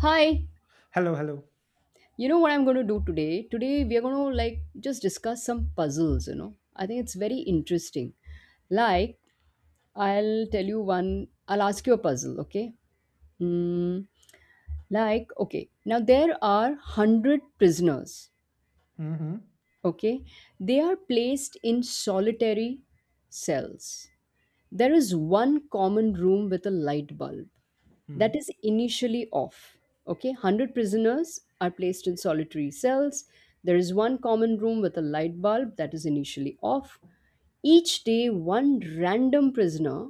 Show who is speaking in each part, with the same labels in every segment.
Speaker 1: Hi,
Speaker 2: Hello, hello.
Speaker 1: you know what I'm going to do today? Today we are going to like just discuss some puzzles. I think it's very interesting. Like I'll tell you one, I'll ask you a puzzle, okay? Mm, like okay, now there are 100 prisoners,
Speaker 2: Mhm,
Speaker 1: okay? They are placed in solitary cells. There is one common room with a light bulb that
Speaker 2: mhm,
Speaker 1: is initially off. Okay, 100 prisoners are placed in solitary cells. There is one common room with a light bulb that is initially off. Each day, one random prisoner,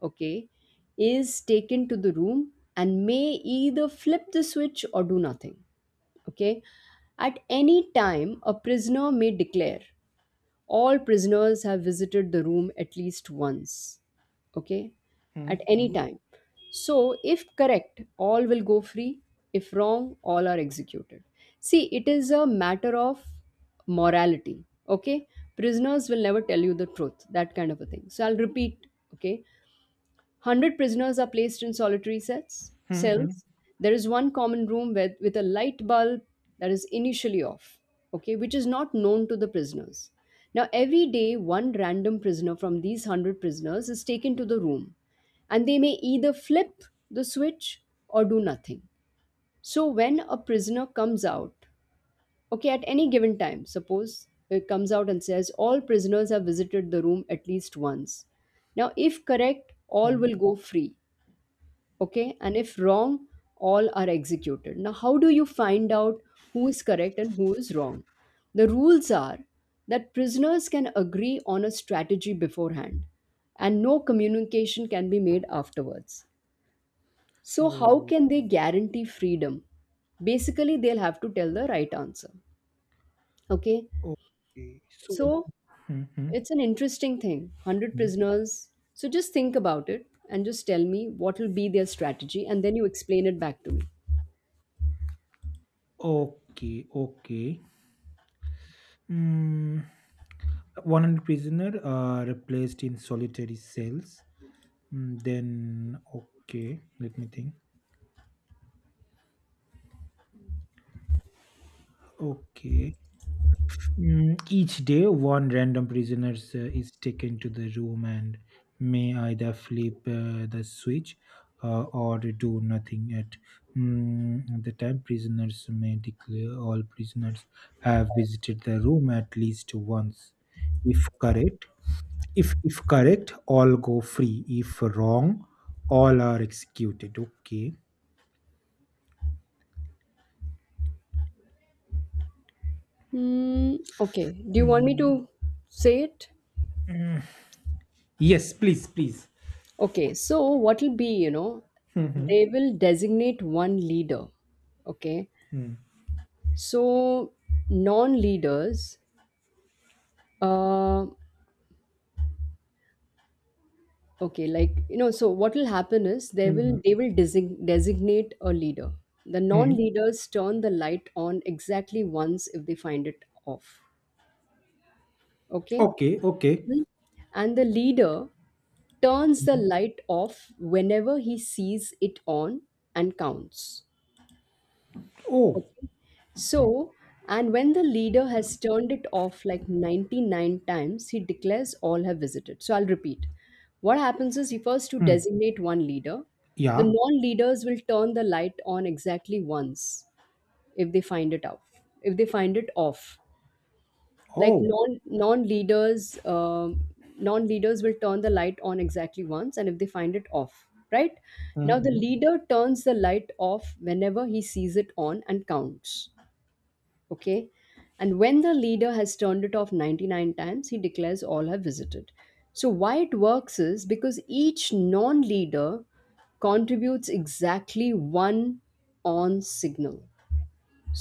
Speaker 1: okay, is taken to the room and may either flip the switch or do nothing. Okay, at any time, a prisoner may declare all prisoners have visited the room at least once, okay, at
Speaker 2: mhm,
Speaker 1: any
Speaker 2: mhm,
Speaker 1: time. So if correct, all will go free. If wrong, all are executed. See, it is a matter of morality, okay. Prisoners will never tell you the truth, that kind of a thing. So I'll repeat, okay. 100 prisoners are placed in solitary sets,
Speaker 2: mhm,
Speaker 1: cells. There is one common room with a light bulb that is initially off, okay, which is not known to the prisoners. Now, every day, one random prisoner from these 100 prisoners is taken to the room, and they may either flip the switch or do nothing. So, when a prisoner comes out, okay, at any given time, suppose it comes out and says, all prisoners have visited the room at least once. Now, if correct, all
Speaker 2: mhm.
Speaker 1: will go free, okay, and if wrong, all are executed. Now, how do you find out who is correct and who is wrong? The rules are that prisoners can agree on a strategy beforehand, and no communication can be made afterwards. So how
Speaker 2: Oh,
Speaker 1: can they guarantee freedom? Basically, they'll have to tell the right answer, okay.
Speaker 2: okay. So,
Speaker 1: So
Speaker 2: mhm,
Speaker 1: it's an interesting thing, 100
Speaker 2: mhm.
Speaker 1: prisoners. So just think about it and just tell me what will be their strategy, and then you explain it back to me.
Speaker 2: Okay, okay. Mm, 100 prisoner replaced in solitary cells. Then, okay, let me think. Okay. Each day, one random prisoner is taken to the room and may either flip the switch or do nothing at the time. Prisoners may declare all prisoners have visited the room at least once. If correct, if correct, all go free. If wrong, all are executed. Okay.
Speaker 1: Hmm. Okay. Do you want me
Speaker 2: Mm,
Speaker 1: to say it?
Speaker 2: mm. Yes, please, please.
Speaker 1: Okay. So what will be, you know,
Speaker 2: Mhm,
Speaker 1: they will designate one leader. Okay.
Speaker 2: mm,
Speaker 1: So non-leaders, uh, okay, like so what will happen is they will
Speaker 2: mhm,
Speaker 1: they will designate a leader. The
Speaker 2: mhm.
Speaker 1: non-leaders turn the light on exactly once if they find it off. Okay.
Speaker 2: Okay, okay.
Speaker 1: Mm. And the leader turns the
Speaker 2: Mhm.
Speaker 1: light off whenever he sees it on and counts.
Speaker 2: Oh,
Speaker 1: Okay. So, and when the leader has turned it off like 99 times, he declares all have visited. So, I'll repeat. What happens is he first to
Speaker 2: mm,
Speaker 1: designate one leader. The
Speaker 2: yeah.
Speaker 1: non leaders will turn the light on exactly once if they find it off. If they find it off like
Speaker 2: Oh,
Speaker 1: non leaders will turn the light on exactly once, and if they find it off, right. Now the
Speaker 2: mhm.
Speaker 1: leader turns the light off whenever he sees it on and counts, okay. And when the leader has turned it off 99 times, he declares all have visited. So why it works is because each non leader contributes exactly one on signal.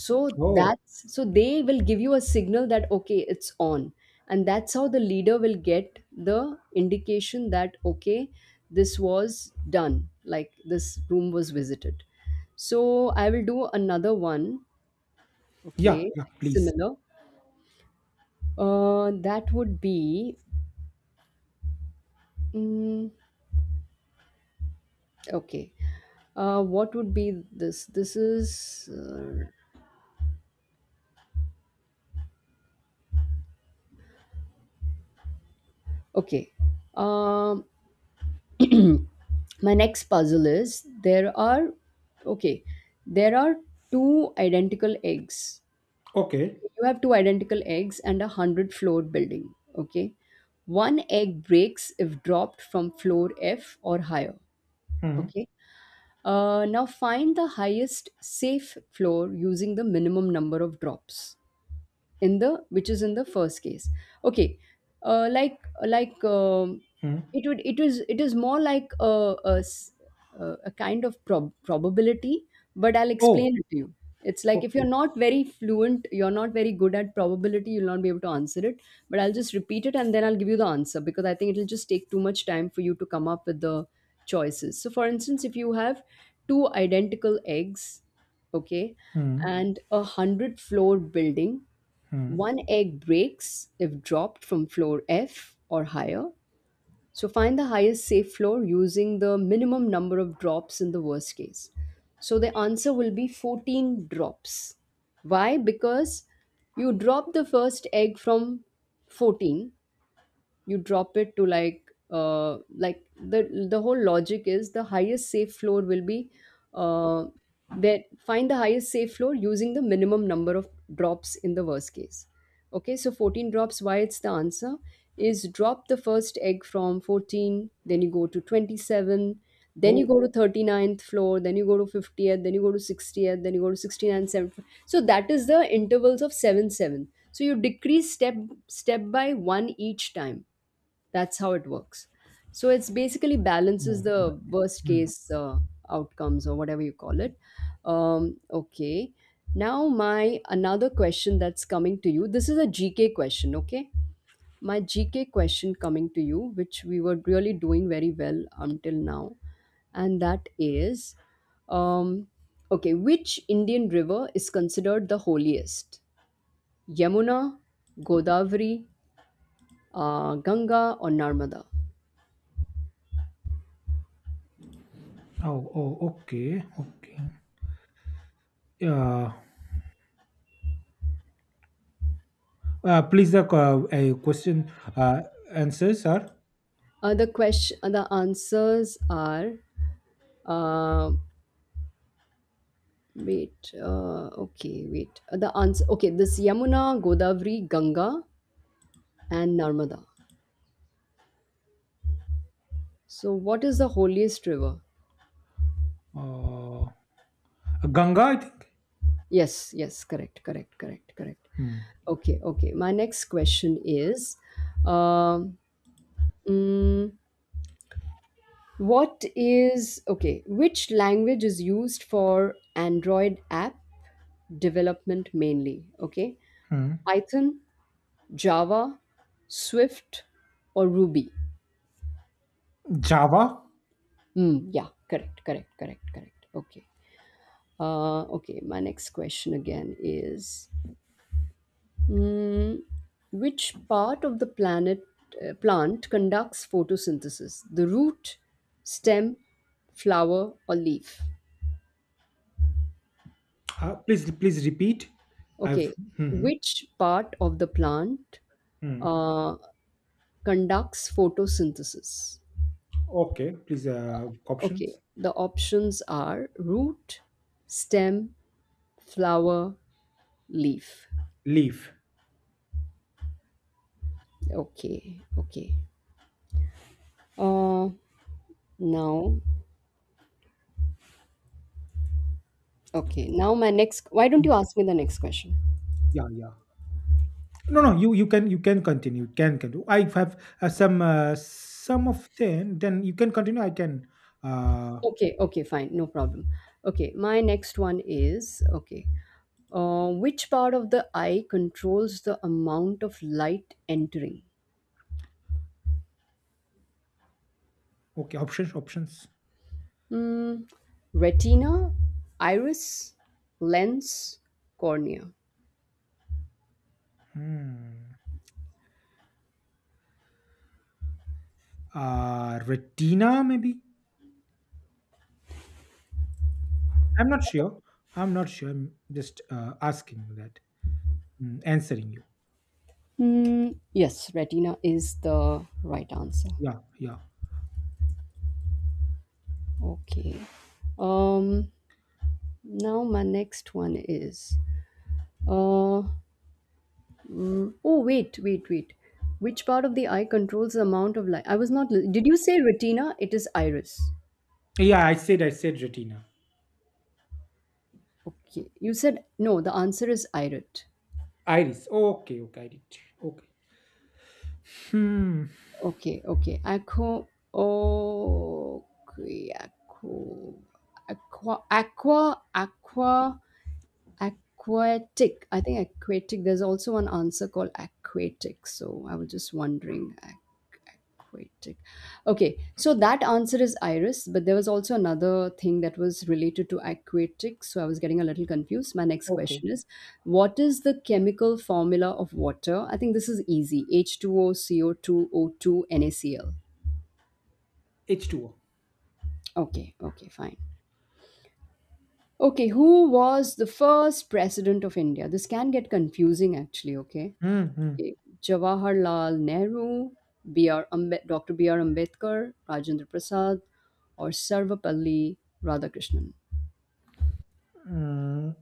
Speaker 1: so
Speaker 2: Oh,
Speaker 1: that's so they will give you a signal that, okay, it's on. And that's how the leader will get the indication that, okay, this was done, like this room was visited. So I will do another one,
Speaker 2: yeah,
Speaker 1: okay.
Speaker 2: yeah, please.
Speaker 1: Similar, that would be, mm, okay, what would be, this is, okay. um my next puzzle is, okay there are two identical eggs.
Speaker 2: Okay.
Speaker 1: You have two identical eggs and 100 floor building, okay. One egg breaks if dropped from floor F or higher,
Speaker 2: Mm,
Speaker 1: okay. Now find the highest safe floor using the minimum number of drops in the which is in the first case, okay. uh, like like
Speaker 2: mm.
Speaker 1: it would, it is more like a kind of probability, but I'll
Speaker 2: Oh,
Speaker 1: explain it to you. It's like if
Speaker 2: okay.
Speaker 1: you're not very fluent, you're not very good at probability, you'll not be able to answer it. But I'll just repeat it and then I'll give you the answer, because I think it'll just take too much time for you to come up with the choices. So for instance, if you have two identical eggs, okay,
Speaker 2: Mm,
Speaker 1: and 100 floor building.
Speaker 2: mm.
Speaker 1: One egg breaks if dropped from floor F or higher. So find the highest safe floor using the minimum number of drops in the worst case. So the answer will be 14 drops. Why? Because you drop the first egg from 14. You drop it to, like, the whole logic is the highest safe floor will be, uh that find the highest safe floor using the minimum number of drops in the worst case, okay. So 14 drops. Why it's the answer is, drop the first egg from 14, then you go to 27, then you
Speaker 2: Oh,
Speaker 1: go to thirty ninth floor, then you go to 50th, then you go to 60th, then you go to 69th, 7th. So that is the intervals of 7, so you decrease step by one each time. That's how it works. So it's basically balances
Speaker 2: oh,
Speaker 1: the worst
Speaker 2: mm.
Speaker 1: case, outcomes or whatever you call it. Okay. Now my another question that's coming to you. This is a GK question, okay? My GK question coming to you, which we were really doing very well until now, and that is, um, okay, which Indian river is considered the holiest? Yamuna, Godavari, Ganga, or Narmada?
Speaker 2: Oh, oh, okay, okay. Uh, Please, the a question answers are
Speaker 1: The question, the answers are. Uh, Wait. Okay, wait. The answer. Okay, this Yamuna, Godavari, Ganga, and Narmada. So, what is the holiest river?
Speaker 2: uh, Ganga, I think.
Speaker 1: Yes, yes, correct, correct, correct, correct.
Speaker 2: Mm,
Speaker 1: Okay, okay. My next question is, um, mm, what is okay. Which language is used for Android app development mainly? Okay,
Speaker 2: mm.
Speaker 1: Python, Java, Swift, or Ruby?
Speaker 2: Java.
Speaker 1: Mm, yeah, correct, correct, correct, correct. Okay. Okay, my next question again is, mm, which part of the planet plant conducts photosynthesis? The root, stem, flower, or leaf?
Speaker 2: Please, please repeat. I've.
Speaker 1: Okay,
Speaker 2: Mhm,
Speaker 1: which part of the plant
Speaker 2: hmm. Hmm.
Speaker 1: uh, conducts photosynthesis?
Speaker 2: Okay, please,
Speaker 1: Okay,
Speaker 2: options.
Speaker 1: the options are root, stem, flower, leaf.
Speaker 2: Leave.
Speaker 1: Okay, okay, uh now, okay, now my next why don't
Speaker 2: Mm,
Speaker 1: you ask me the next question?
Speaker 2: yeah, yeah. No, no, you can continue. You can continue. I have some of ten. Then you can continue. I can. Uh,
Speaker 1: Okay, okay, fine, no problem. Okay, my next one is, okay, which part of the eye controls the amount of light entering.
Speaker 2: okay, options.
Speaker 1: Hmm. Retina, iris, lens, cornea.
Speaker 2: Hmm. Retina maybe. I'm not sure. I'm not sure. I'm just asking you that. Mm, answering you.
Speaker 1: Hmm. Yes, retina is the right answer,
Speaker 2: Yeah, yeah,
Speaker 1: okay. um Now my next one is, uh oh, wait, wait, wait, which part of the eye controls the amount of light, I was not did you say retina? It is iris.
Speaker 2: yeah. I said retina.
Speaker 1: Okay, you said, no, the answer is iris.
Speaker 2: Iris. Okay, okay. I did. Okay. Hmm.
Speaker 1: Okay, okay, aqua. Okay, aqua, aqua, aqua, aqua. Aquatic. I think aquatic. There's also one answer called aquatic. So I was just wondering. Aquatic. Okay. So that answer is iris, but there was also another thing that was related to aquatic. So I was getting a little confused. My next
Speaker 2: Okay.
Speaker 1: question is, what is the chemical formula of water? I think this is easy. H2O, co two O two, NaCl.
Speaker 2: H two O.
Speaker 1: Okay. Okay. Fine. Okay, who was the first president of India? This can get confusing actually, okay?
Speaker 2: Hmm, hmm.
Speaker 1: Okay, Jawaharlal Nehru, B.R. Dr. B.R. Ambedkar, Rajendra Prasad, or Sarvapalli Radhakrishnan.
Speaker 2: Mm.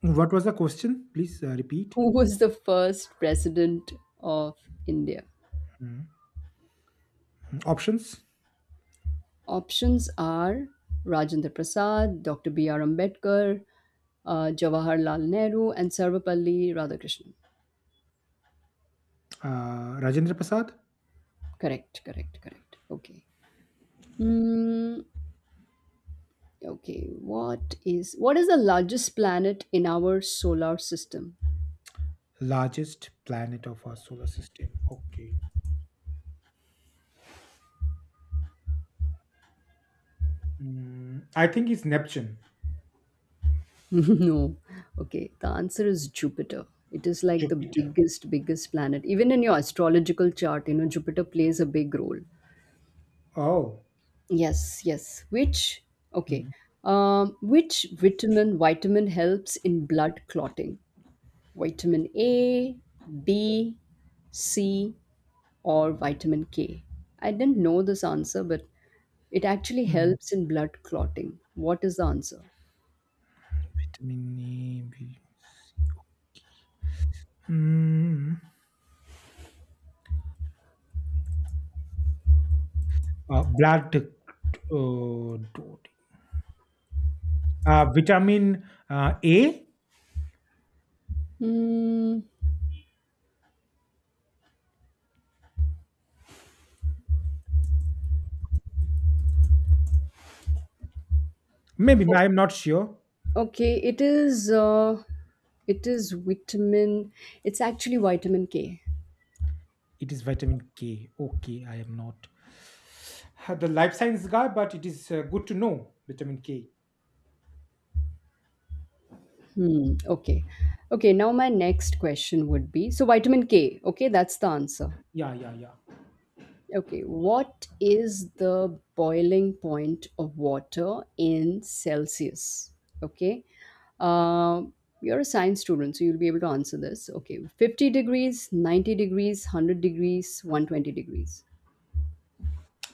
Speaker 2: What was the question? Please repeat.
Speaker 1: Who was the first president of India?
Speaker 2: Hmm. Hmm, options.
Speaker 1: Options are Rajendra Prasad, Dr. B.R. Ambedkar, Jawaharlal Nehru, and Sarvapalli Radhakrishnan.
Speaker 2: Rajendra Prasad,
Speaker 1: Correct, correct, correct. Okay. Hmm. Okay. What is the largest planet in our solar system?
Speaker 2: largest planet of our solar system. Okay. Mm, I think it's Neptune.
Speaker 1: No. Okay. The answer is Jupiter. It is like the
Speaker 2: Jupiter.
Speaker 1: biggest, biggest planet. Even in your astrological chart, Jupiter plays a big role.
Speaker 2: Oh.
Speaker 1: Yes, yes. Which,
Speaker 2: Mm.
Speaker 1: okay. Which vitamin helps in blood clotting? Vitamin A, B, C, or vitamin K? I didn't know this answer, but it actually
Speaker 2: Mm,
Speaker 1: helps in blood clotting. What is the answer?
Speaker 2: vitamin E, B. Mm. Blood dot. Vitamin A?
Speaker 1: Hmm.
Speaker 2: Maybe I am not sure.
Speaker 1: Okay, it is, it is vitamin it's actually vitamin K.
Speaker 2: It is vitamin K. Okay, I am not the life science guy, but it is good to know vitamin K.
Speaker 1: Hmm, okay. Okay, now my next question would be, so vitamin K, okay, that's the answer.
Speaker 2: Yeah, yeah, yeah.
Speaker 1: Okay, what is the boiling point of water in Celsius? Okay. Uh, you're a science student, so you'll be able to answer this. Okay, 50 degrees, 90 degrees, 100 degrees, 120 degrees.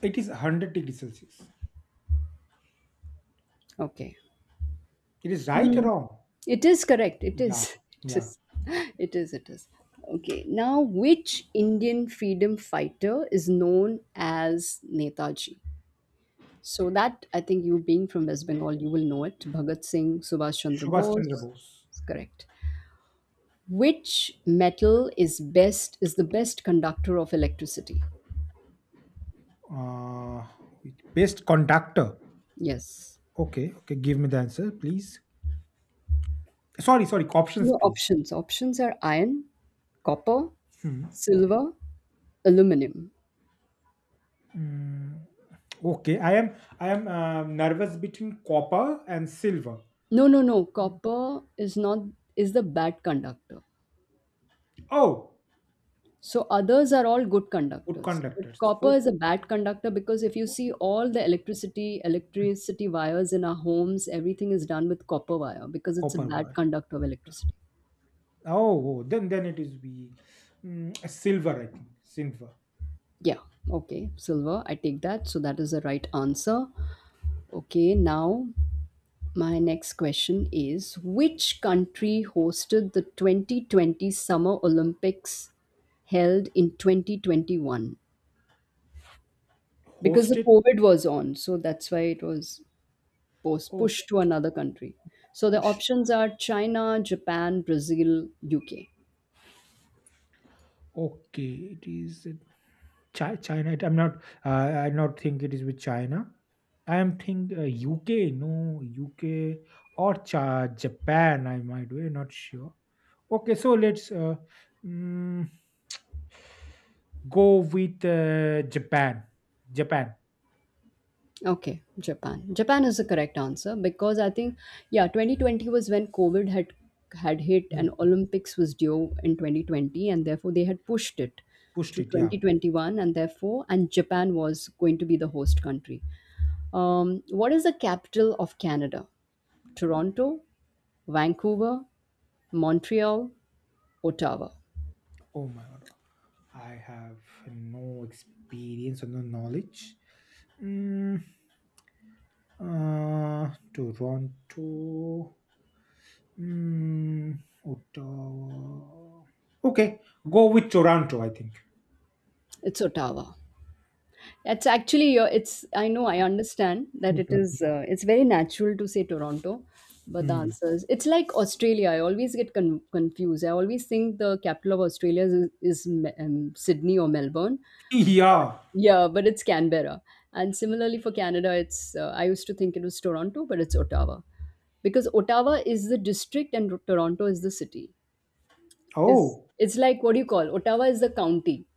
Speaker 2: It is 100 degrees Celsius.
Speaker 1: Okay.
Speaker 2: It is right or
Speaker 1: Hmm.
Speaker 2: wrong?
Speaker 1: It is correct. It
Speaker 2: Yeah,
Speaker 1: is. It
Speaker 2: yeah.
Speaker 1: is. It is. It is. Okay. Now, which Indian freedom fighter is known as Netaji? So that I think, you being from West Bengal, you will know it. Bhagat Singh, Subhash Chandra
Speaker 2: Subhash Chandra
Speaker 1: Bose.
Speaker 2: Bose.
Speaker 1: It's correct. Which metal is the best conductor of electricity?
Speaker 2: Uh, Best conductor.
Speaker 1: Yes.
Speaker 2: Okay, okay. Give me the answer, please. Sorry, sorry. Options,
Speaker 1: Your
Speaker 2: please.
Speaker 1: options. Options are iron, copper,
Speaker 2: Hmm.
Speaker 1: silver, aluminum.
Speaker 2: Mm, okay, I am nervous between copper and silver.
Speaker 1: No, no, no.
Speaker 2: Mm.
Speaker 1: Copper is not is the bad conductor.
Speaker 2: Oh,
Speaker 1: So others are all good
Speaker 2: good
Speaker 1: conductors. But
Speaker 2: conductors.
Speaker 1: copper
Speaker 2: Oh,
Speaker 1: is a bad conductor because if you see all the electricity wires in our homes, everything is done with copper wire because it's a
Speaker 2: copper
Speaker 1: bad
Speaker 2: wire.
Speaker 1: conductor of electricity.
Speaker 2: Oh, oh, then it is we silver. I think silver
Speaker 1: Yeah. Okay. Silver, I take that. So that is the right answer. Okay. Now, my next question is, which country hosted the 2020 Summer Olympics held in 2021, because the
Speaker 2: hosted.
Speaker 1: COVID was on, so that's why it was post
Speaker 2: Oh,
Speaker 1: pushed to another country. So the
Speaker 2: push.
Speaker 1: options are China, Japan, Brazil, UK.
Speaker 2: Okay, it is. China. I'm not. I not think it is with China. I am think UK. No UK or Cha Japan. I might be not sure. Okay, so let's mm, go with Japan. Japan.
Speaker 1: Okay, Japan. Japan is the correct answer because I think yeah, 2020 was when COVID had hit and
Speaker 2: Mhm.
Speaker 1: Olympics was due in 2020 and therefore they had pushed it
Speaker 2: Pushed
Speaker 1: to
Speaker 2: it. Yeah.
Speaker 1: 2021 and therefore and Japan was going to be the host country. What is the capital of Canada? Toronto, Vancouver, Montreal, Ottawa.
Speaker 2: Oh my god. I have no experience or no knowledge. Mm, Toronto. Mm, Ottawa. Okay, go with Toronto, I think.
Speaker 1: It's Ottawa. It's actually your. It's. I know. I understand that it is. It's very natural to say Toronto,
Speaker 2: Mhm.
Speaker 1: but the
Speaker 2: Mm.
Speaker 1: answer is it's like Australia. I always get confused. I always think the capital of Australia is Sydney or Melbourne. But
Speaker 2: Yeah.
Speaker 1: yeah, but it's Canberra. And similarly for Canada, it's. I used to think it was Toronto, but it's Ottawa because Ottawa is the district and Toronto is the city. Is
Speaker 2: Oh,
Speaker 1: it's like, what do you call, Ottawa is the county,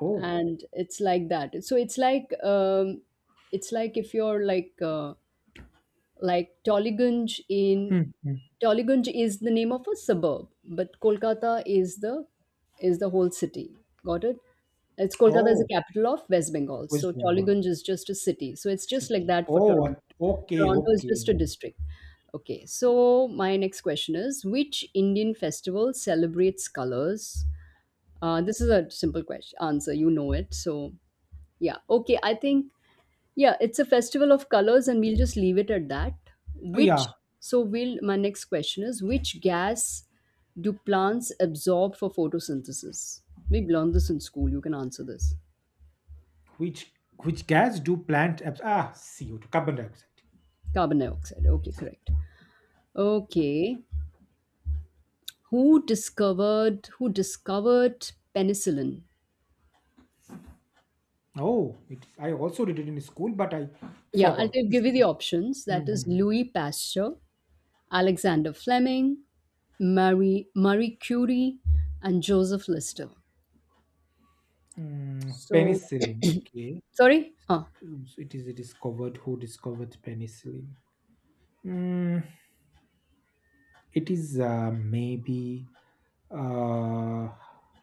Speaker 2: oh.
Speaker 1: and it's like that, so it's like if you're like, like Tollygunj in
Speaker 2: Mhm.
Speaker 1: Tollygunj is the name of a suburb but Kolkata is the whole city, got it, it's Kolkata is the
Speaker 2: Oh,
Speaker 1: capital of West Bengal, so
Speaker 2: West Bengal
Speaker 1: Tollygunj is just a city, so it's just like
Speaker 2: city.
Speaker 1: that for
Speaker 2: Oh,
Speaker 1: Toronto.
Speaker 2: okay,
Speaker 1: Toronto is
Speaker 2: okay.
Speaker 1: just a district. Okay, so my next question is, which Indian festival celebrates colors? This is a simple question, answer, you know it, so yeah. Okay. I think, yeah, it's a festival of colors, and we'll just leave it at that.
Speaker 2: Yeah.
Speaker 1: Which, so will My next question is, which gas do plants absorb for photosynthesis? We learned this in school. You can answer this.
Speaker 2: Which which gas do plant CO2 carbon dioxide?
Speaker 1: Carbon dioxide. Okay. Correct. Okay. Who discovered penicillin?
Speaker 2: Oh, it, I also did it in school, but I
Speaker 1: Yeah. I'll
Speaker 2: forgot.
Speaker 1: give
Speaker 2: Please,
Speaker 1: give you the
Speaker 2: please.
Speaker 1: options. That is Louis Pasteur, Alexander Fleming, Marie Curie, and Joseph Lister.
Speaker 2: Mm,
Speaker 1: So,
Speaker 2: penicillin. Okay,
Speaker 1: sorry?
Speaker 2: mm, so it is discovered. Who discovered penicillin? Mm, it is maybe uh,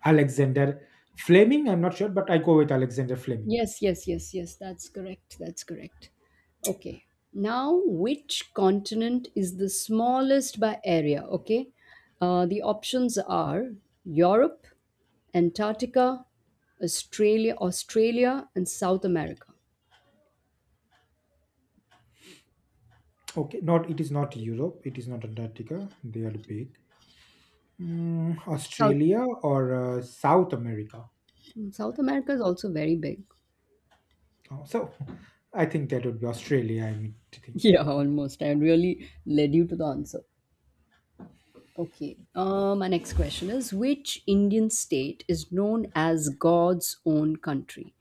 Speaker 2: Alexander Fleming. I'm not sure, but I go with Alexander Fleming.
Speaker 1: Yes, yes, yes, yes, that's correct. That's correct. Okay. Now, which continent is the smallest by area? Okay. The options are Europe, Antarctica, Australia, and South America.
Speaker 2: Okay, not it is not Europe. It is not Antarctica. They are big. Mm,
Speaker 1: South,
Speaker 2: Australia or South America.
Speaker 1: South America is also very big.
Speaker 2: Oh, so I think that would be Australia. I mean, to think
Speaker 1: Yeah, almost. I really led you to the answer. Okay. My next question is, which Indian state is known as God's own country?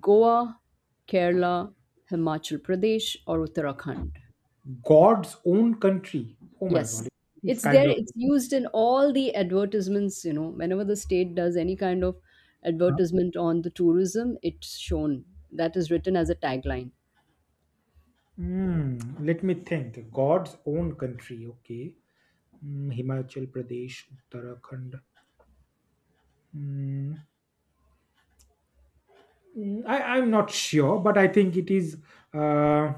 Speaker 1: Goa, Kerala, Himachal Pradesh, or Uttarakhand?
Speaker 2: God's own country. Oh my God, it
Speaker 1: Yes.
Speaker 2: is
Speaker 1: It's
Speaker 2: kind
Speaker 1: there,
Speaker 2: of.
Speaker 1: it's used in all the advertisements. You know, whenever the state does any kind of advertisement on the tourism, it's shown. That is written as a tagline.
Speaker 2: Hmm, let me think. God's own country, okay. Hmm, Himachal Pradesh, Uttarakhand. Hmm, hmm, I'm not sure, but I think it is uh,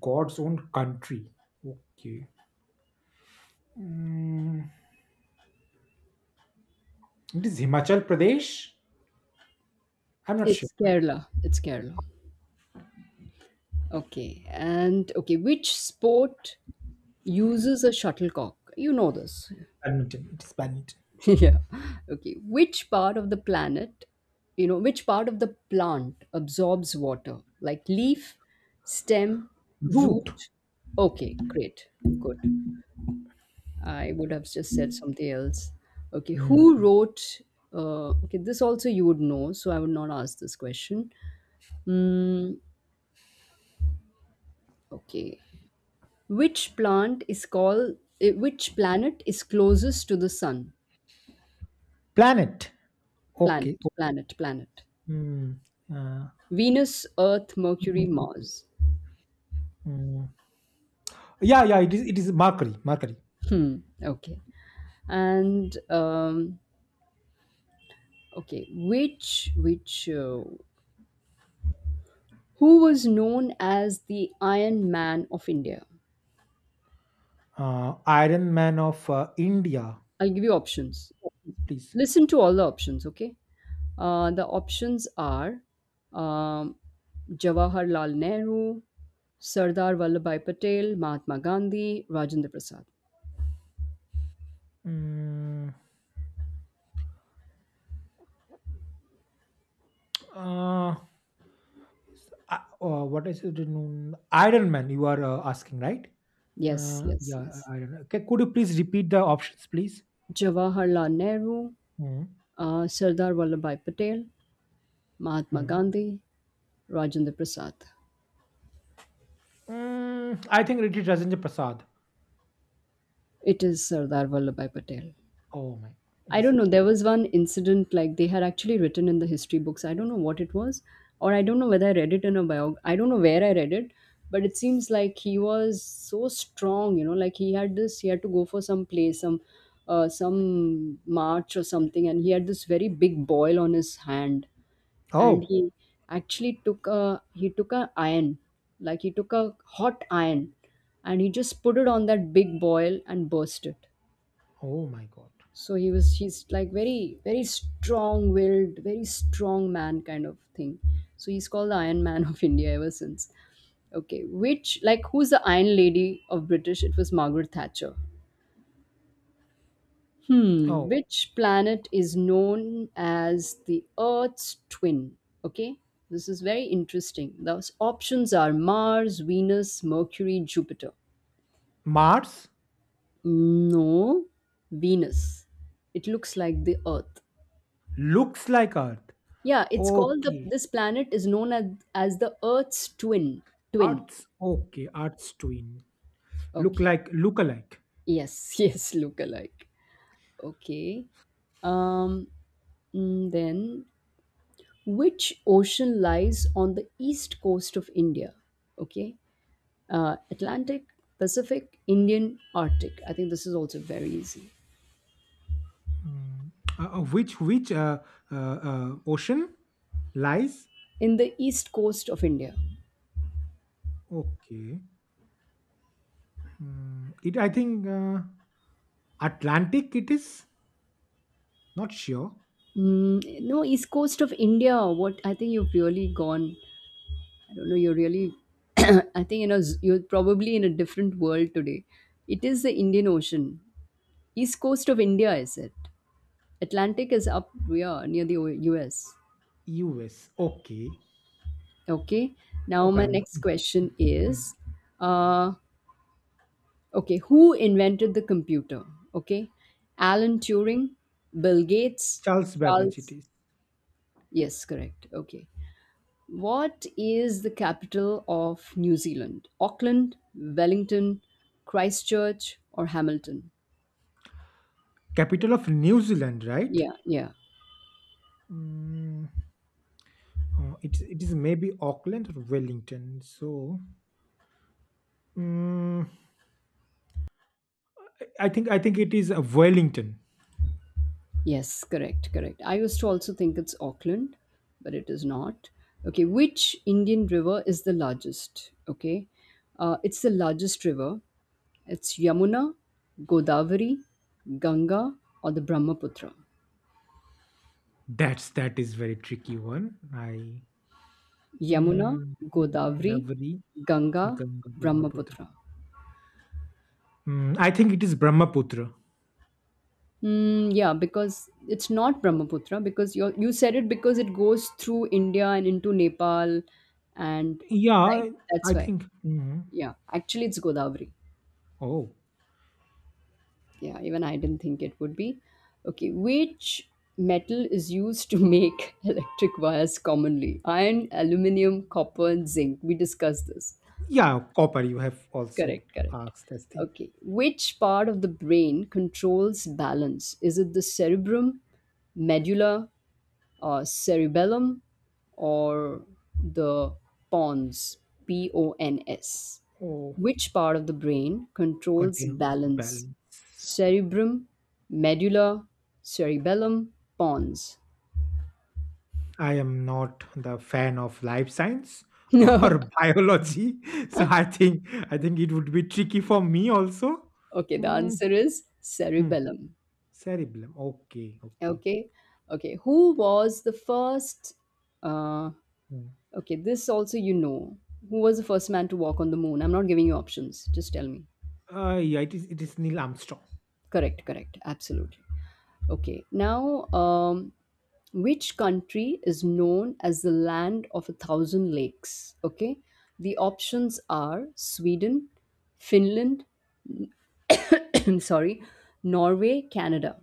Speaker 2: God's own country. Okay. Hmm, it is Himachal Pradesh. I'm not sure.
Speaker 1: It's Kerala. It's Kerala. Okay. And okay, which sport uses a shuttlecock? You know this.
Speaker 2: Badminton. It is badminton.
Speaker 1: Yeah. Okay. Which part of the plant absorbs water? Like leaf, stem,
Speaker 2: Root.
Speaker 1: root? Okay, great. Good. I would have just said something else. Okay.
Speaker 2: Hmm,
Speaker 1: Okay, this also you would know, so I would not ask this question. Mm, okay. Which plant is called, eh, Which planet is closest to the sun?
Speaker 2: planet.
Speaker 1: Planet,
Speaker 2: Okay.
Speaker 1: planet, planet.
Speaker 2: Hmm, uh,
Speaker 1: Venus, Earth, Mercury, Mars.
Speaker 2: hmm. Yeah, yeah. It is. It is Mercury. Mercury.
Speaker 1: Hmm. Okay. And okay, which Who was known as the Iron Man of India?
Speaker 2: Iron Man of India.
Speaker 1: I'll give you options.
Speaker 2: Please.
Speaker 1: Listen to all the options. Okay. The options are um, Jawaharlal Nehru, Sardar Vallabhbhai Patel, Mahatma Gandhi, Rajendra Prasad.
Speaker 2: Mm, uh, s- uh, what is it? Iron Man, you are asking, right?
Speaker 1: Yes, yes,
Speaker 2: Yeah,
Speaker 1: yes.
Speaker 2: Iron Man. Okay, could you please repeat the options, please?
Speaker 1: Jawaharlal Nehru,
Speaker 2: Mm,
Speaker 1: Sardar Vallabhbhai Patel, Mahatma
Speaker 2: mm.
Speaker 1: Gandhi, Rajendra Prasad.
Speaker 2: Mm, I think it is Rajendra Prasad.
Speaker 1: It is Sardar Vallabhbhai Patel.
Speaker 2: Oh my, it
Speaker 1: I
Speaker 2: is.
Speaker 1: don't know. There was one incident like they had actually written in the history books. I don't know what it was, or I don't know whether I read it in a biog. I don't know where I read it, but it seems like he was so strong. You know, like he had this. He had to go for some play, some march or something, and he had this very big boil on his hand, and
Speaker 2: Oh,
Speaker 1: he actually took a iron, like he took a hot iron, and he just put it on that big boil and burst it.
Speaker 2: oh my God.
Speaker 1: So he's like very, very strong willed very strong man kind of thing. So he's called the Iron Man of India ever since. Okay, which like who's the Iron Lady of British? It was Margaret Thatcher. Hmm.
Speaker 2: Oh,
Speaker 1: Which planet is known as the Earth's twin? Okay, this is very interesting. Those options are Mars, Venus, Mercury, Jupiter.
Speaker 2: Mars
Speaker 1: No, Venus. It looks like the Earth.
Speaker 2: looks like Earth.
Speaker 1: Yeah, it's called the
Speaker 2: Okay,
Speaker 1: this planet is known as the Earth's twin. Twin.
Speaker 2: Okay. Earth's twin. Look
Speaker 1: Okay.
Speaker 2: like, look alike.
Speaker 1: Yes, yes, look alike. Okay. Um then which ocean lies on the east coast of India? Okay. Atlantic, Pacific, Indian, Arctic. I think this is also very easy.
Speaker 2: Mm. Which ocean lies?
Speaker 1: In the east coast of India.
Speaker 2: Okay, mm, it I think Atlantic. It is not sure.
Speaker 1: No, east coast of India. What I think, you've really gone, I don't know, you're really, I think, you know, you're probably in a different world today. It is the Indian Ocean. East coast of India, is it? Atlantic is up, yeah, near the US.
Speaker 2: U.S. Okay,
Speaker 1: Okay. Now,
Speaker 2: okay.
Speaker 1: my
Speaker 2: I'm,
Speaker 1: next question is,
Speaker 2: mhm.
Speaker 1: uh, okay, who invented the computer? Okay. Alan Turing, Bill Gates,
Speaker 2: Charles Babbage. It
Speaker 1: Charles.
Speaker 2: is
Speaker 1: Yes, correct. Okay. What is the capital of New Zealand? Auckland, Wellington, Christchurch, or Hamilton?
Speaker 2: capital of New Zealand, right?
Speaker 1: Yeah, yeah.
Speaker 2: Mm, it is maybe Auckland or Wellington. So mm, I think it is Wellington.
Speaker 1: Yes, correct, correct. I used to also think it's Auckland, but it is not. Okay, which Indian river is the largest? Okay, it's the largest river. It's Yamuna, Godavari, Ganga, or the Brahmaputra.
Speaker 2: That is very tricky one. I.
Speaker 1: Yamuna,
Speaker 2: Mm, mm,
Speaker 1: Godavari,
Speaker 2: lovely.
Speaker 1: Ganga,
Speaker 2: Ganga Brahmaputra.
Speaker 1: Brahmaputra.
Speaker 2: Hmm, I think it is Brahmaputra.
Speaker 1: Yeah, because it's not Brahmaputra because you said it, because it goes through India and into Nepal, and
Speaker 2: Yeah,
Speaker 1: right,
Speaker 2: I
Speaker 1: that's why.
Speaker 2: think. Mhm.
Speaker 1: Yeah, actually, it's Godavari.
Speaker 2: Oh,
Speaker 1: Yeah, even I didn't think it would be. Okay, which metal is used to make electric wires commonly? Iron, aluminium, copper, and zinc. We discussed this.
Speaker 2: yeah, copper. You have also
Speaker 1: Correct, correct.
Speaker 2: asked this thing.
Speaker 1: Okay, which part of the brain controls balance? Is it the cerebrum, medulla, cerebellum, or the pons, p o n s?
Speaker 2: Oh,
Speaker 1: Which part of the brain controls
Speaker 2: contains
Speaker 1: balance?
Speaker 2: balance.
Speaker 1: Cerebrum, medulla, cerebellum, pons.
Speaker 2: I am not the fan of life science or biology, so I think it would be tricky for me also.
Speaker 1: Okay, the
Speaker 2: Mm,
Speaker 1: answer is
Speaker 2: hmm.
Speaker 1: cerebellum.
Speaker 2: Cerebellum. Okay, okay.
Speaker 1: Okay, okay, who was the first uh,
Speaker 2: Hmm.
Speaker 1: okay this also you know, who was the first man to walk on the moon? I'm not giving you options, just tell me.
Speaker 2: Yeah, it is. It is Neil Armstrong.
Speaker 1: Correct, correct, absolutely. Okay. Now, which country is known as the land of a thousand lakes? Okay, the options are Sweden, Finland, sorry, Norway, Canada.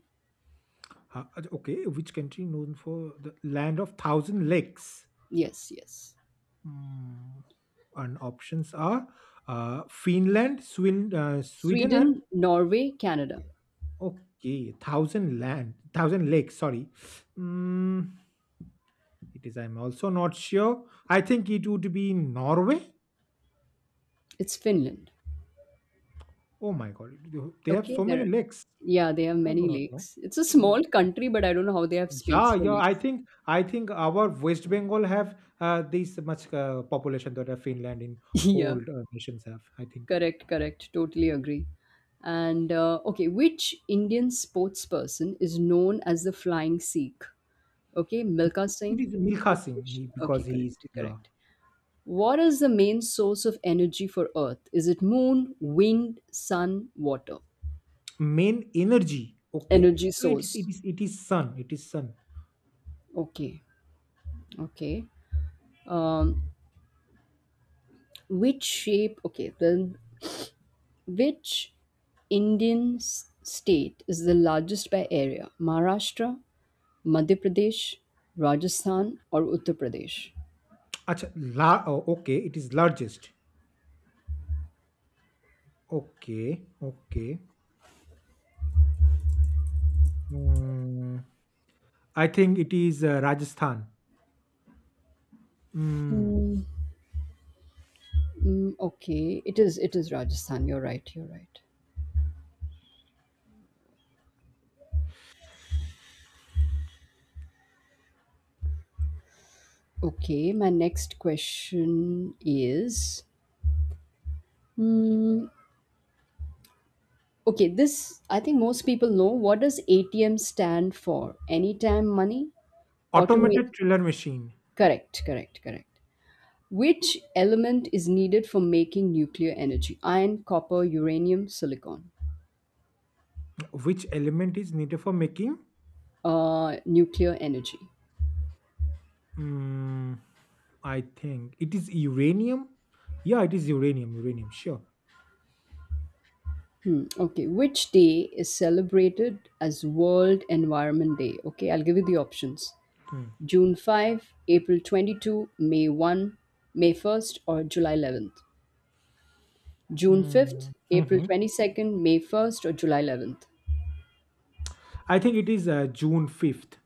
Speaker 2: Huh, okay, which country known for the land of thousand lakes?
Speaker 1: Yes, yes.
Speaker 2: Hmm. And options are Finland, Sweden, Sweden, and
Speaker 1: Sweden, Norway, Canada.
Speaker 2: okay, thousand land, thousand lakes. Sorry, mm, it is. I'm also not sure. I think it would be Norway.
Speaker 1: It's Finland.
Speaker 2: Oh my god, they have
Speaker 1: Okay,
Speaker 2: so many
Speaker 1: there.
Speaker 2: lakes.
Speaker 1: Yeah, they have
Speaker 2: I do
Speaker 1: many
Speaker 2: not know.
Speaker 1: lakes. It's a
Speaker 2: Oh.
Speaker 1: small country, but I don't know how they have
Speaker 2: Yeah,
Speaker 1: space for
Speaker 2: yeah. I
Speaker 1: lakes.
Speaker 2: think I think our West Bengal have this much population that Finland in whole
Speaker 1: Yeah.
Speaker 2: nations have. I think
Speaker 1: Correct, correct. Totally agree. And which Indian sports person is known as the Flying Sikh? Okay, Milka
Speaker 2: it
Speaker 1: Singh,
Speaker 2: is Milkha
Speaker 1: PT
Speaker 2: Singh
Speaker 1: Usha.
Speaker 2: he,
Speaker 1: Okay,
Speaker 2: because he is
Speaker 1: correct,
Speaker 2: yeah
Speaker 1: correct. What is the main source of energy for Earth? Is it moon, wind, sun, water?
Speaker 2: main energy. Okay,
Speaker 1: Energy
Speaker 2: so it is it
Speaker 1: source.
Speaker 2: is it is sun. It is sun.
Speaker 1: Okay, okay. Um, which shape? Okay, then which Indian state is the largest by area? Maharashtra, Madhya Pradesh, Rajasthan, or Uttar Pradesh?
Speaker 2: Acha, la, oh, okay, it is largest. Okay, okay. Hmm, I think it is Rajasthan. Hmm.
Speaker 1: Mm, okay, it is Rajasthan. You're right. You're right. Okay, my next question is, mm, okay. This I think most people know. What does ATM stand for? Anytime money, automated.
Speaker 2: Automated thriller machine.
Speaker 1: Correct. Correct. Correct. Which element is needed for making nuclear energy? Iron, copper, uranium, silicon.
Speaker 2: Which element is needed for making?
Speaker 1: Nuclear energy.
Speaker 2: Hmm. I think it is uranium. Yeah, it is uranium. Uranium, sure.
Speaker 1: Okay, which day is celebrated as World Environment Day? Okay, I'll give you the options:
Speaker 2: Mm.
Speaker 1: June 5th, April 22nd, May 1st, May 1st, or July 11th. June 5th,
Speaker 2: Mm,
Speaker 1: April
Speaker 2: mhm.
Speaker 1: 22nd, May 1st, or July 11th.
Speaker 2: I think it is June 5th.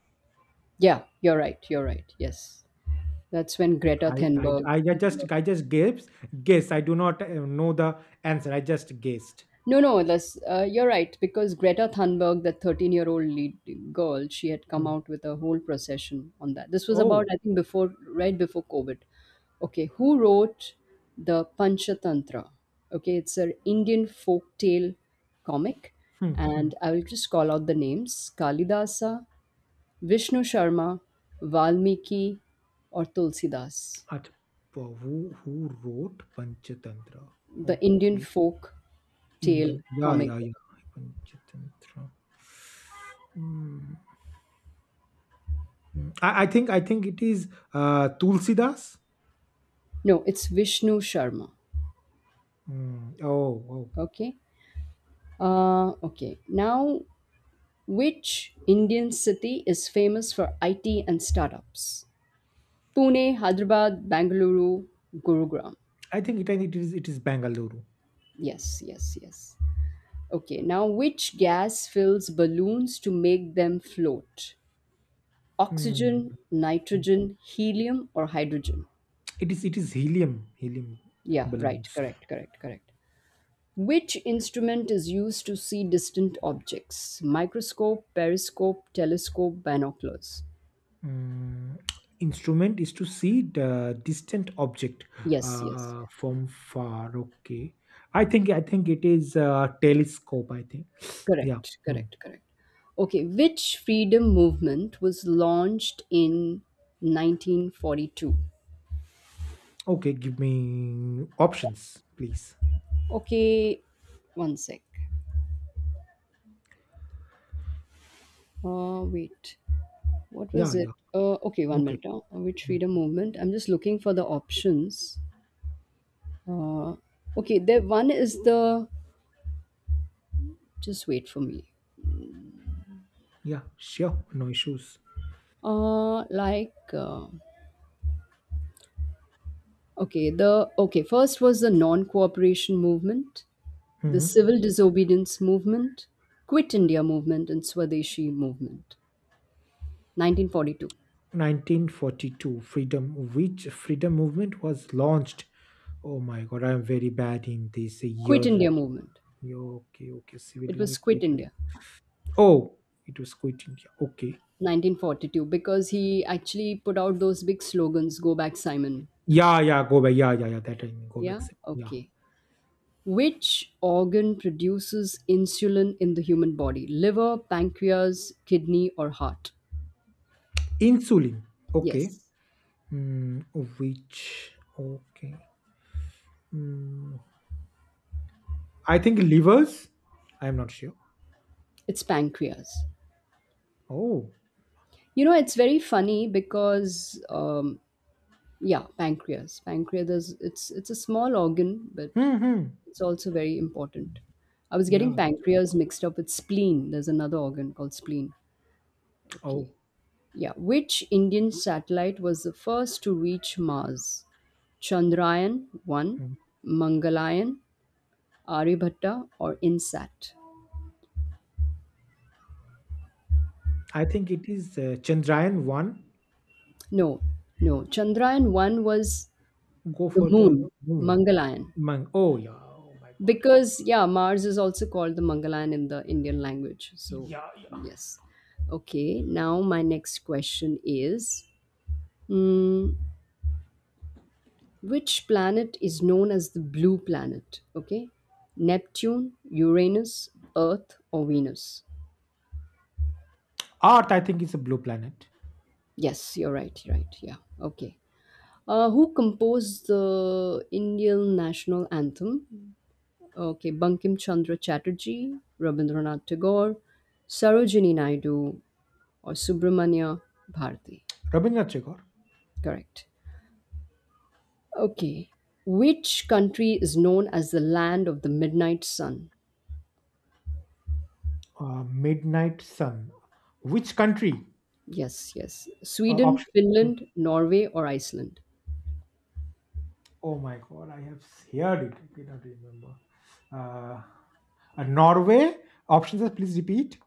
Speaker 1: Yeah, you're right, you're right. Yes. That's when Greta
Speaker 2: I, I
Speaker 1: Thunberg.
Speaker 2: I ju- just I just guess. I do not know the answer. I just guessed.
Speaker 1: No, no, this, you're right. Because Greta Thunberg, that 13-year-old lead girl, she had come
Speaker 2: Mm,
Speaker 1: out with a whole procession on that. This was about,
Speaker 2: oh,
Speaker 1: I think, before, right before COVID. Okay, who wrote the Panchatantra? Okay, it's an Indian folk tale comic.
Speaker 2: hmm, hmm.
Speaker 1: And I will just call out the names: Kalidasa, Vishnu Sharma, Valmiki, or Tulsidas.
Speaker 2: at who wrote Panchatantra?
Speaker 1: The Indian
Speaker 2: Okay,
Speaker 1: folk tale
Speaker 2: Indian. Yeah,
Speaker 1: comic
Speaker 2: yeah,
Speaker 1: book.
Speaker 2: yeah. Panchatantra. Mm, mm. I think it is Tulsidas.
Speaker 1: No, it's Vishnu Sharma.
Speaker 2: Mm. Oh, oh.
Speaker 1: Okay. Okay. Now, which Indian city is famous for IT and startups? Pune, Hyderabad, Bangalore, Gurugram.
Speaker 2: I think it is Bangalore.
Speaker 1: Yes, yes, yes. Okay. Now, which gas fills balloons to make them float?
Speaker 2: Hmm.
Speaker 1: Oxygen, nitrogen, helium, or hydrogen?
Speaker 2: It is helium
Speaker 1: Yeah, right.
Speaker 2: balloons.
Speaker 1: Correct, correct, correct. Which instrument is used to see distant objects? Microscope, periscope, telescope, binoculars.
Speaker 2: Mm, instrument is to see the distant object
Speaker 1: Yes, yes,
Speaker 2: from far. Okay, I think it is telescope. I think yeah.
Speaker 1: correct,
Speaker 2: Hmm.
Speaker 1: correct, correct. Okay, which freedom movement was launched in 1942?
Speaker 2: Okay, give me options, please.
Speaker 1: Okay, one sec. Wait, what
Speaker 2: Yeah,
Speaker 1: was it?
Speaker 2: yeah.
Speaker 1: Okay, one
Speaker 2: Okay.
Speaker 1: minute now. Which
Speaker 2: Hmm.
Speaker 1: freedom movement? I'm just looking for the options. Uh, okay, the one is the. Just wait for me.
Speaker 2: Yeah, sure. No issues.
Speaker 1: Like, okay, the okay First was the non-cooperation movement, the
Speaker 2: Hmm.
Speaker 1: civil disobedience movement, Quit India movement, and Swadeshi movement. 1942.
Speaker 2: 1942 freedom, which freedom movement was launched? Oh my god, I'm very bad in this
Speaker 1: Quit
Speaker 2: year.
Speaker 1: India movement.
Speaker 2: Yeah, okay, okay, civil,
Speaker 1: It was Quit
Speaker 2: quit India.
Speaker 1: India.
Speaker 2: Oh, it was quit India. Okay.
Speaker 1: 1942, because he actually put out those big slogans, go back Simon.
Speaker 2: Yeah, yeah, go back, yeah, yeah, yeah, that I mean go
Speaker 1: Yeah.
Speaker 2: back, yeah.
Speaker 1: Okay. Which organ produces insulin in the human body? Liver, pancreas, kidney, or heart?
Speaker 2: Insulin. Okay,
Speaker 1: Yes,
Speaker 2: mm, which okay, mm, I think livers. I'm not sure.
Speaker 1: it's pancreas.
Speaker 2: Oh,
Speaker 1: You know, it's very funny because yeah, pancreas. Pancreas is, it's a small organ, but
Speaker 2: hmm, hmm.
Speaker 1: it's also very important. I was
Speaker 2: Yeah,
Speaker 1: getting
Speaker 2: that's right.
Speaker 1: pancreas mixed up with spleen. There's another organ called spleen.
Speaker 2: Oh,
Speaker 1: Okay. Yeah. Which Indian satellite was the first to reach Mars? Chandrayaan 1,
Speaker 2: mm.
Speaker 1: Mangalayaan, Aryabhatta, or INSAT?
Speaker 2: I think it is Chandrayaan 1.
Speaker 1: No, no. Chandrayaan 1 was
Speaker 2: Go
Speaker 1: the
Speaker 2: for the
Speaker 1: moon,
Speaker 2: moon.
Speaker 1: Mangalayaan.
Speaker 2: Mang. Oh yeah. Oh my god.
Speaker 1: Because yeah, Mars is also called the Mangalan in the Indian language, so
Speaker 2: Yeah, yeah.
Speaker 1: yes. Okay, now my next question is, mm, which planet is known as the blue planet? Okay. Neptune, Uranus, Earth, or Venus?
Speaker 2: Earth, I think, is a blue planet.
Speaker 1: Yes, you're right, right, yeah. Okay. Who composed the Indian national anthem? Okay. Bankim Chandra Chatterjee, Rabindranath Tagore, Sarojini Naidu, or Subramanya Bharati.
Speaker 2: Rabindranath Tagore.
Speaker 1: Correct. Okay. Which country is known as the land of the midnight sun?
Speaker 2: Midnight Sun. Which country?
Speaker 1: Yes, yes. Sweden,
Speaker 2: Option. Hmm.
Speaker 1: Finland, Norway, or Iceland?
Speaker 2: Oh my god, I have heard it. I cannot remember. Uh, Norway. Options, please repeat.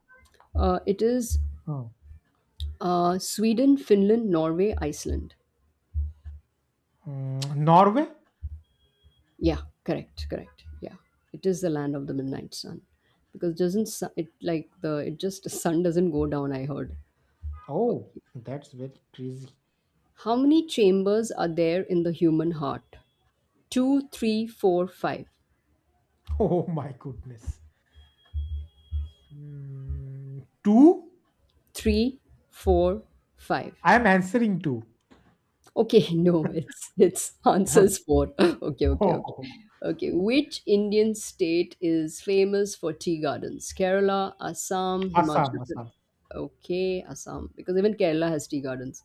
Speaker 1: It is
Speaker 2: Oh.
Speaker 1: Sweden, Finland, Norway, Iceland.
Speaker 2: Mm, Norway.
Speaker 1: Yeah, correct, correct. Yeah, it is the land of the midnight sun because, doesn't it like the, it just the sun doesn't go down? I heard.
Speaker 2: Oh,
Speaker 1: Okay.
Speaker 2: that's very crazy.
Speaker 1: How many chambers are there in the human heart? Two, three, four, five.
Speaker 2: Oh my goodness. Mm, two.
Speaker 1: Three, four, five.
Speaker 2: I am answering two.
Speaker 1: Okay, no, it's answers four. Okay, okay, okay.
Speaker 2: Oh.
Speaker 1: Okay, which Indian state is famous for tea gardens? Kerala, Assam,
Speaker 2: Assam,
Speaker 1: Himachal
Speaker 2: Assam.
Speaker 1: Pradesh. Okay, Assam, because even Kerala has tea gardens.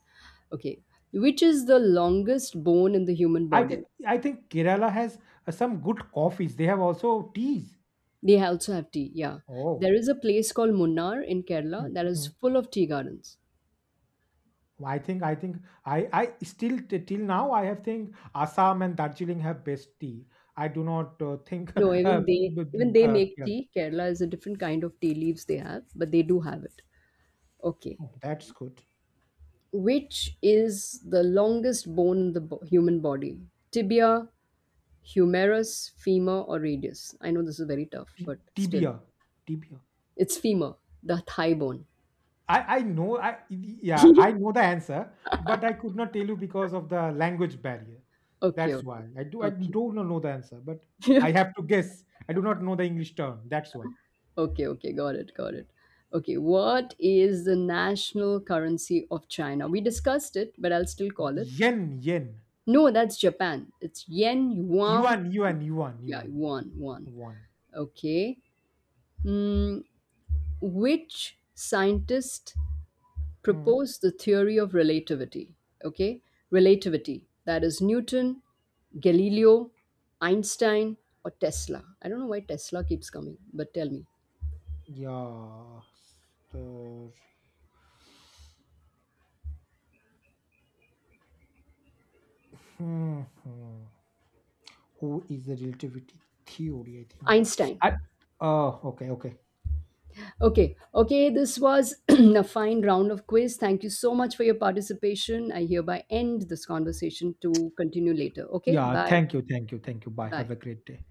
Speaker 1: Okay, which is the longest bone in the human
Speaker 2: I think
Speaker 1: body?
Speaker 2: I think Kerala has some good coffees. They have also teas.
Speaker 1: They also have tea. Yeah,
Speaker 2: Oh,
Speaker 1: there is a place called Munnar in
Speaker 2: mm,
Speaker 1: Kerala that is
Speaker 2: mm.
Speaker 1: full of tea gardens.
Speaker 2: I think I still till now I have think Assam and Darjeeling have best tea. I do not think
Speaker 1: No, even they even they make
Speaker 2: yeah.
Speaker 1: tea. Kerala is a different kind of tea leaves they have, but they do have it. Okay.
Speaker 2: Oh, that's good.
Speaker 1: Which is the longest bone in the human body? Tibia, humerus, femur, or radius? I know this is very tough,
Speaker 2: T-
Speaker 1: but still,
Speaker 2: Tibia, tibia.
Speaker 1: it's femur, the thigh bone.
Speaker 2: I, I know I yeah
Speaker 1: Okay,
Speaker 2: I know the answer, but I could not tell you because of the language barrier.
Speaker 1: okay,
Speaker 2: That's why I do I
Speaker 1: okay,
Speaker 2: don't know the answer, but I have to guess. I do not know the English term. That's why
Speaker 1: okay, okay. Got it, got it. Okay, what is the national currency of China? We discussed it, but I'll still call it.
Speaker 2: yen yen
Speaker 1: No, that's Japan. It's yen, yuan,
Speaker 2: yuan yuan yuan
Speaker 1: yeah,
Speaker 2: yuan
Speaker 1: yuan, yuan.
Speaker 2: one.
Speaker 1: Okay. Mm, which scientist
Speaker 2: Hmm.
Speaker 1: proposed the theory of relativity? Okay. Relativity. That is Newton, Galileo, Einstein, or Tesla. I don't know why Tesla keeps coming, but tell me.
Speaker 2: Yeah. the- hmm, hmm. Who is the relativity theory? I think yeah.
Speaker 1: Einstein.
Speaker 2: I, oh okay okay
Speaker 1: Okay, okay, this was a fine round of quiz. Thank you so much for your participation. I hereby end this conversation to continue later. Okay,
Speaker 2: yeah.
Speaker 1: bye.
Speaker 2: Thank you thank you thank you. Bye. Have
Speaker 1: Bye.
Speaker 2: a great day.